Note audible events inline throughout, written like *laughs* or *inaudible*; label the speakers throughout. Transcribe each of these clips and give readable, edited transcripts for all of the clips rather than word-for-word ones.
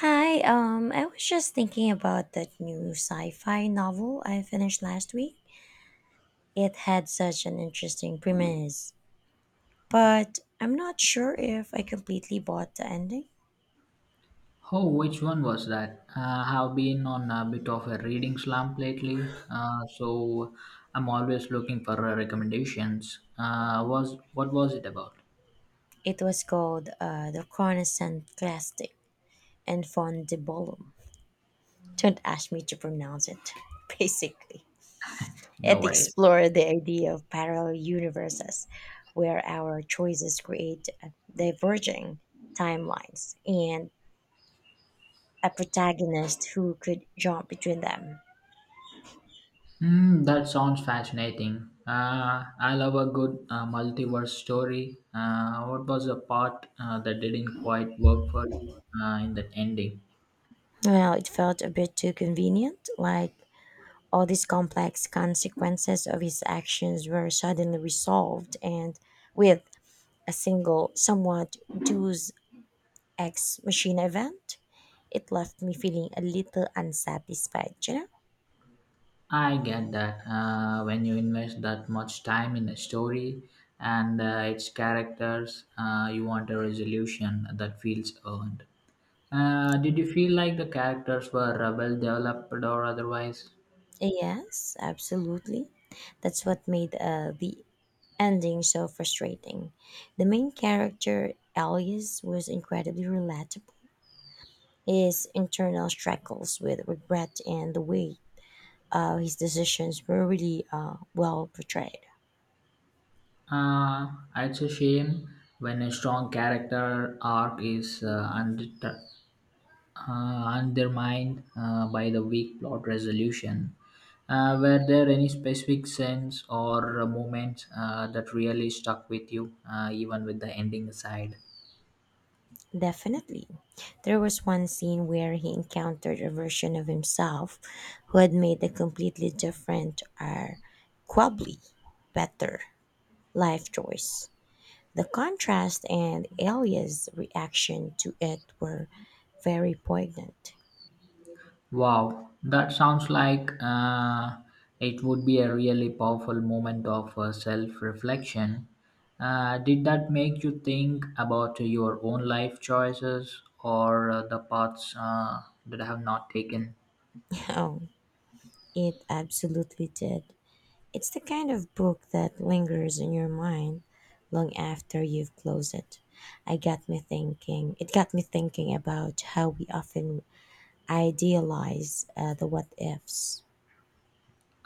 Speaker 1: Hi, I was just thinking about that new sci fi novel I finished last week. It had such an interesting premise, but I'm not sure if I completely bought the ending.
Speaker 2: Oh, which one was that? I've been on a bit of a reading slump lately, so I'm always looking for recommendations. Was what was it about?
Speaker 1: It was called The Coruscant Classic and Fond de Bolum. Don't ask me to pronounce it, *laughs* basically.
Speaker 2: No
Speaker 1: It
Speaker 2: worries.
Speaker 1: explored the idea of parallel universes where our choices create diverging timelines and a protagonist who could jump between them.
Speaker 2: Hmm, that sounds fascinating. I love a good multiverse story. What was the part that didn't quite work for you in that ending?
Speaker 1: Well, it felt a bit too convenient, like all these complex consequences of his actions were suddenly resolved and with a single, somewhat Deus ex machina event. It left me feeling a little unsatisfied,
Speaker 2: I get that. When you invest that much time in a story and its characters, you want a resolution that feels earned. Did you feel like the characters were well developed or otherwise?
Speaker 1: Yes, absolutely. That's what made the ending so frustrating. The main character, Elias, was incredibly relatable. His internal struggles with regret and the way of his decisions were really well portrayed.
Speaker 2: Uh, it's a shame when a strong character arc is undermined by the weak plot resolution. Were there any specific scenes or moments that really stuck with you, even with the ending aside?
Speaker 1: Definitely. There was one scene where he encountered a version of himself who had made a completely different or quabbly better life choice. The contrast and Elia's reaction to it were very poignant.
Speaker 2: Wow, that sounds like it would be a really powerful moment of self reflection. Did that make you think about your own life choices or the paths that have not taken?
Speaker 1: *laughs* Oh, it absolutely did. It's the kind of book that lingers in your mind long after you've closed it. I got me thinking. It got me thinking about how we often idealize the what ifs.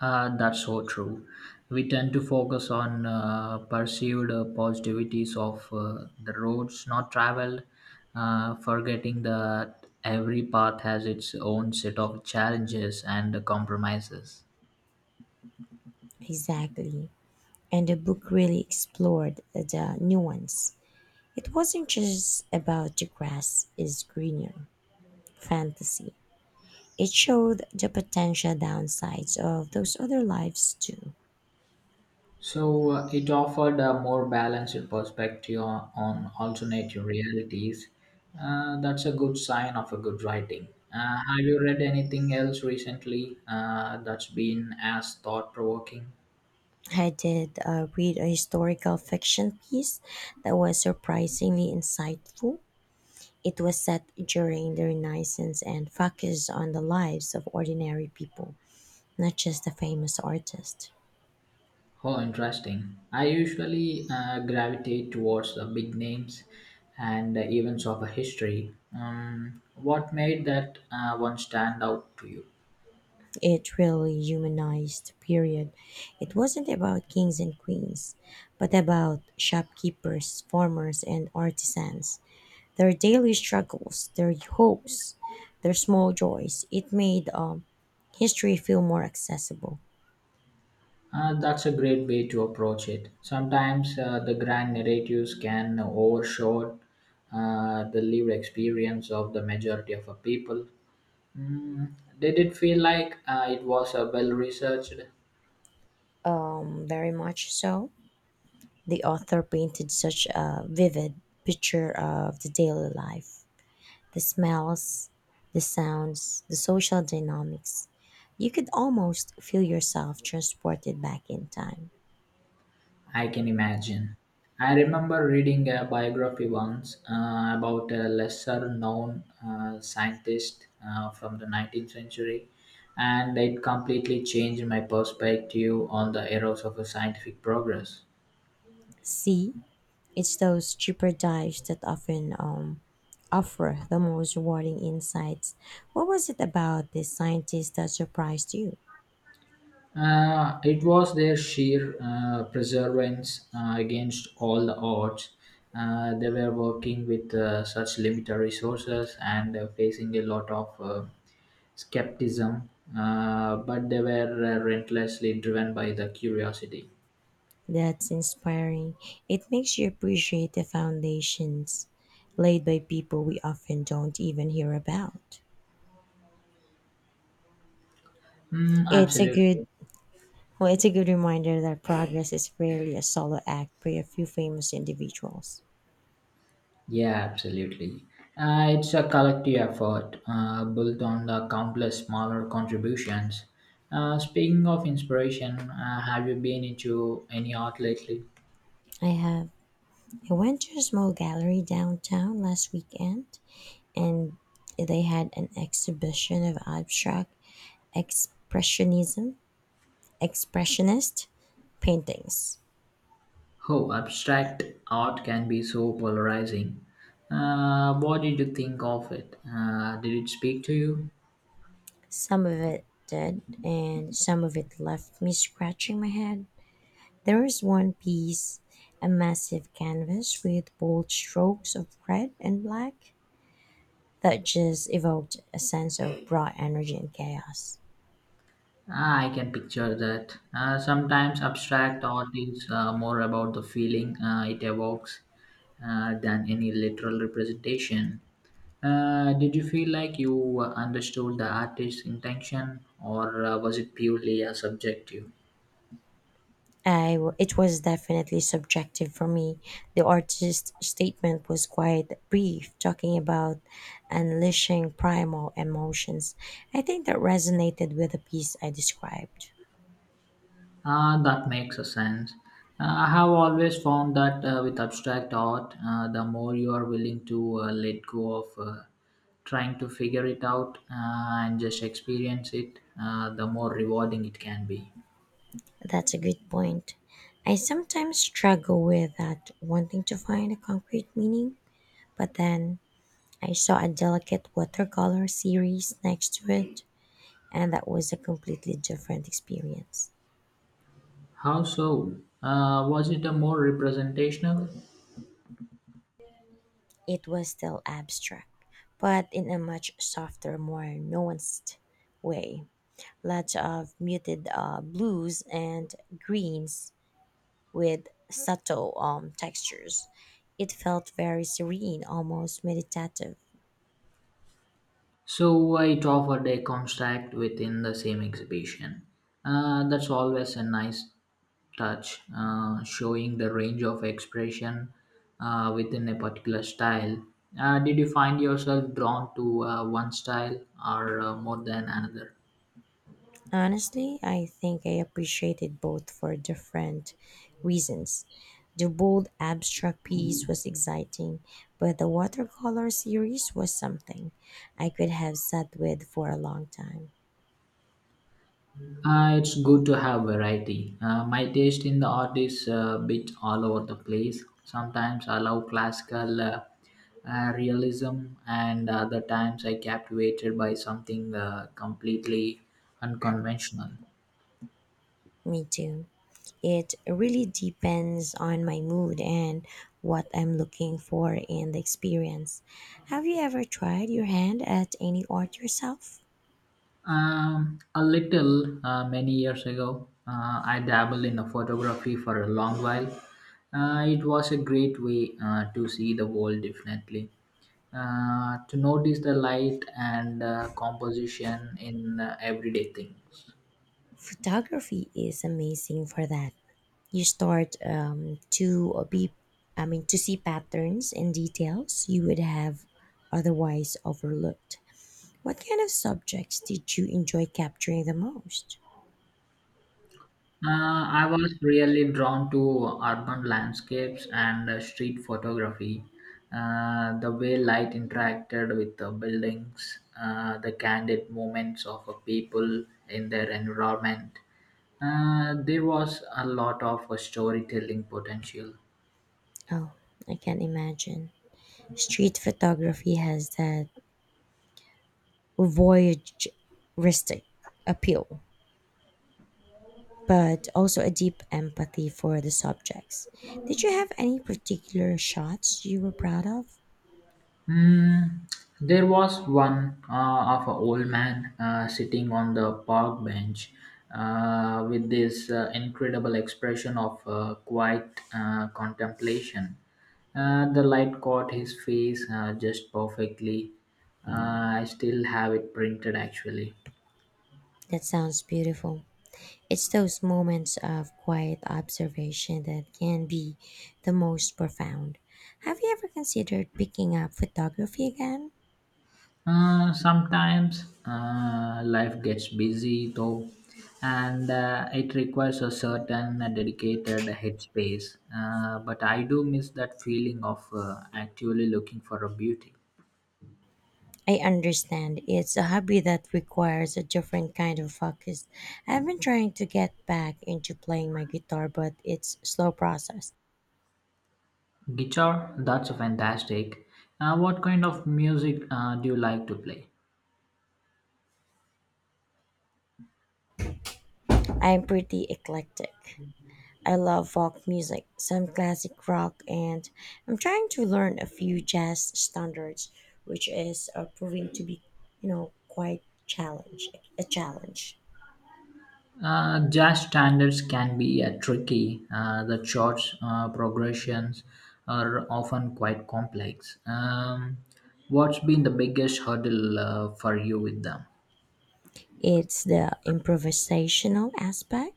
Speaker 2: Ah, that's so true. We tend to focus on perceived positivities of the roads not traveled, forgetting that every path has its own set of challenges and compromises.
Speaker 1: Exactly. And the book really explored the nuance. It wasn't just about the grass is greener fantasy. It showed the potential downsides of those other lives too.
Speaker 2: So it offered a more balanced perspective on alternative realities. That's a good sign of a good writing. Have you read anything else recently that's been as thought provoking?
Speaker 1: I did read a historical fiction piece that was surprisingly insightful. It was set during the Renaissance and focused on the lives of ordinary people, not just the famous artists.
Speaker 2: Oh, interesting. I usually gravitate towards the big names and the events of a history. What made that one stand out to you?
Speaker 1: It really humanized the period. It wasn't about kings and queens, but about shopkeepers, farmers, and artisans. Their daily struggles, their hopes, their small joys. It made history feel more accessible.
Speaker 2: That's a great way to approach it. Sometimes the grand narratives can overshadow the lived experience of the majority of a people. Mm, did it feel like it was a well researched
Speaker 1: Very much so. The author painted such a vivid picture of the daily life, the smells, the sounds, the social dynamics. You could almost feel yourself transported back in time.
Speaker 2: I can imagine. I remember reading a biography once about a lesser known scientist from the 19th century, and it completely changed my perspective on the eras of scientific progress.
Speaker 1: See, it's those cheaper dives that often offer the most rewarding insights. What was it about this scientist that surprised you?
Speaker 2: It was their sheer perseverance against all the odds. They were working with such limited resources and facing a lot of skepticism, but they were relentlessly driven by the curiosity.
Speaker 1: That's inspiring. It makes you appreciate the foundations laid by people we often don't even hear about.
Speaker 2: Mm,
Speaker 1: It's a
Speaker 2: absolutely.
Speaker 1: it's a good reminder that progress is rarely a solo act by a few famous individuals.
Speaker 2: Yeah, absolutely. It's a collective effort built on the countless smaller contributions. Speaking of inspiration, have you been into any art lately?
Speaker 1: I have. I went to a small gallery downtown last weekend and they had an exhibition of abstract expressionism expressionist paintings.
Speaker 2: Oh, abstract art can be so polarizing. What did you think of it? Did it speak to you?
Speaker 1: Some of it did, and some of it left me scratching my head. There was one piece, a massive canvas with bold strokes of red and black, that just evoked a sense of raw energy and chaos.
Speaker 2: Ah, I can picture that. Sometimes abstract art is more about the feeling it evokes than any literal representation. Did you feel like you understood the artist's intention, or was it purely subjective?
Speaker 1: It was definitely subjective for me. The artist's statement was quite brief, talking about unleashing primal emotions. I think that resonated with the piece I described.
Speaker 2: That makes a sense. I have always found that with abstract art, the more you are willing to let go of trying to figure it out and just experience it, the more rewarding it can be.
Speaker 1: That's a good point. I sometimes struggle with that, wanting to find a concrete meaning, but then I saw a delicate watercolor series next to it, and that was a completely different experience.
Speaker 2: How so? Was it a more representational?
Speaker 1: It was still abstract, but in a much softer, more nuanced way. Lots of muted blues and greens with subtle textures. It felt very serene, almost meditative.
Speaker 2: So it offered a contract within the same exhibition. That's always a nice touch, showing the range of expression within a particular style. Did you find yourself drawn to one style or more than another?
Speaker 1: Honestly, I think I appreciated both for different reasons. The bold abstract piece was exciting, but the watercolor series was something I could have sat with for a long time.
Speaker 2: It's good to have variety. My taste in the art is a bit all over the place. Sometimes I love classical realism, and other times I captivated by something completely unconventional.
Speaker 1: Me too. It really depends on my mood and what I'm looking for in the experience. Have you ever tried your hand at any art yourself?
Speaker 2: A little many years ago, I dabbled in a photography for a long while. It was a great way to see the world differently, to notice the light and composition in everyday things.
Speaker 1: Photography is amazing for that. You start to be I mean to see patterns and details you would have otherwise overlooked. What kind of subjects did you enjoy capturing the most?
Speaker 2: I was really drawn to urban landscapes and street photography. The way light interacted with the buildings, the candid moments of people in their environment. There was a lot of storytelling potential.
Speaker 1: Oh, I can not imagine. Street photography has that voyeuristic appeal, but also a deep empathy for the subjects. Did you have any particular shots you were proud of?
Speaker 2: Mm, there was one of an old man sitting on the park bench with this incredible expression of quiet contemplation. The light caught his face just perfectly. I still have it printed actually.
Speaker 1: That sounds beautiful. It's those moments of quiet observation that can be the most profound. Have you ever considered picking up photography again?
Speaker 2: Sometimes life gets busy though, and it requires a certain dedicated headspace. But I do miss that feeling of actually looking for a beauty.
Speaker 1: I understand, it's a hobby that requires a different kind of focus. I've been trying to get back into playing my guitar, but it's slow process.
Speaker 2: Guitar, that's fantastic. What kind of music do you like to play?
Speaker 1: I'm pretty eclectic. I love folk music, some classic rock, and I'm trying to learn a few jazz standards, which is proving to be, quite challenge a challenge.
Speaker 2: Jazz standards can be tricky. The chords progressions are often quite complex. What's been the biggest hurdle for you with them?
Speaker 1: It's the improvisational aspect.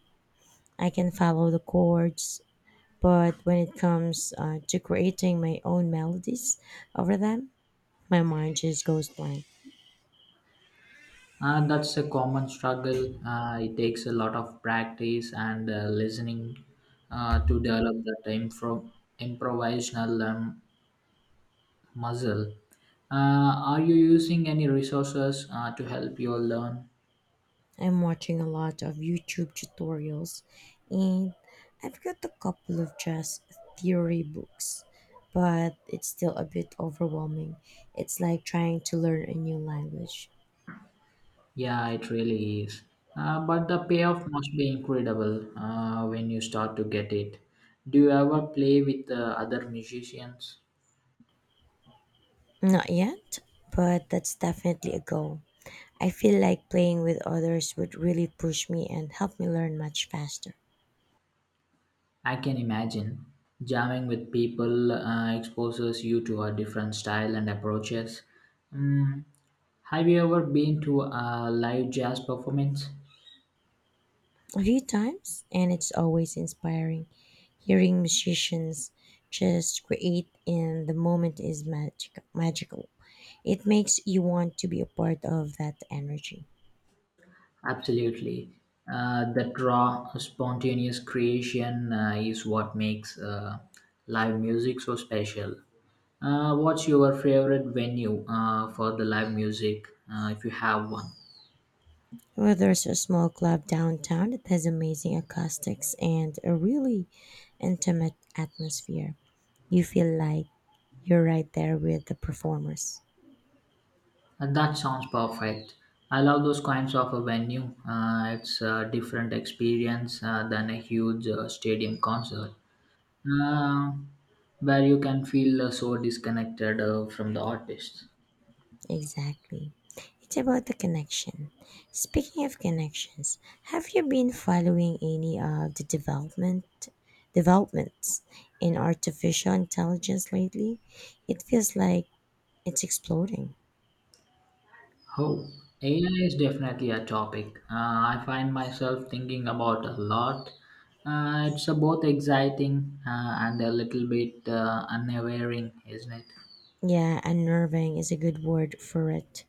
Speaker 1: I can follow the chords, but when it comes to creating my own melodies over them, my mind just goes blank.
Speaker 2: That's a common struggle. It takes a lot of practice and listening to develop that improvisational muscle. Are you using any resources to help you learn?
Speaker 1: I'm watching a lot of YouTube tutorials and I've got a couple of dress theory books, but it's still a bit overwhelming. It's like trying to learn a new language.
Speaker 2: Yeah, it really is. But the payoff must be incredible when you start to get it. Do you ever play with other musicians?
Speaker 1: Not yet, but that's definitely a goal. I feel like playing with others would really push me and help me learn much faster.
Speaker 2: I can imagine. Jamming with people exposes you to a different style and approaches. Mm, have you ever been to a live jazz performance?
Speaker 1: A few times, and it's always inspiring. Hearing musicians just create in the moment is magical. It makes you want to be a part of that energy.
Speaker 2: Absolutely. That raw, spontaneous creation is what makes live music so special. What's your favorite venue for the live music if you have one?
Speaker 1: Well, there's a small club downtown that has amazing acoustics and a really intimate atmosphere. You feel like you're right there with the performers.
Speaker 2: And that sounds perfect. I love those kinds of a venue. It's a different experience than a huge stadium concert, uh, where you can feel so disconnected from the artist.
Speaker 1: Exactly. It's about the connection. Speaking of connections, have you been following any of the developments in artificial intelligence lately? It feels like it's exploding.
Speaker 2: Oh, AI is definitely a topic I find myself thinking about a lot. It's both exciting and a little bit unnerving, isn't it?
Speaker 1: Yeah, unnerving is a good word for it.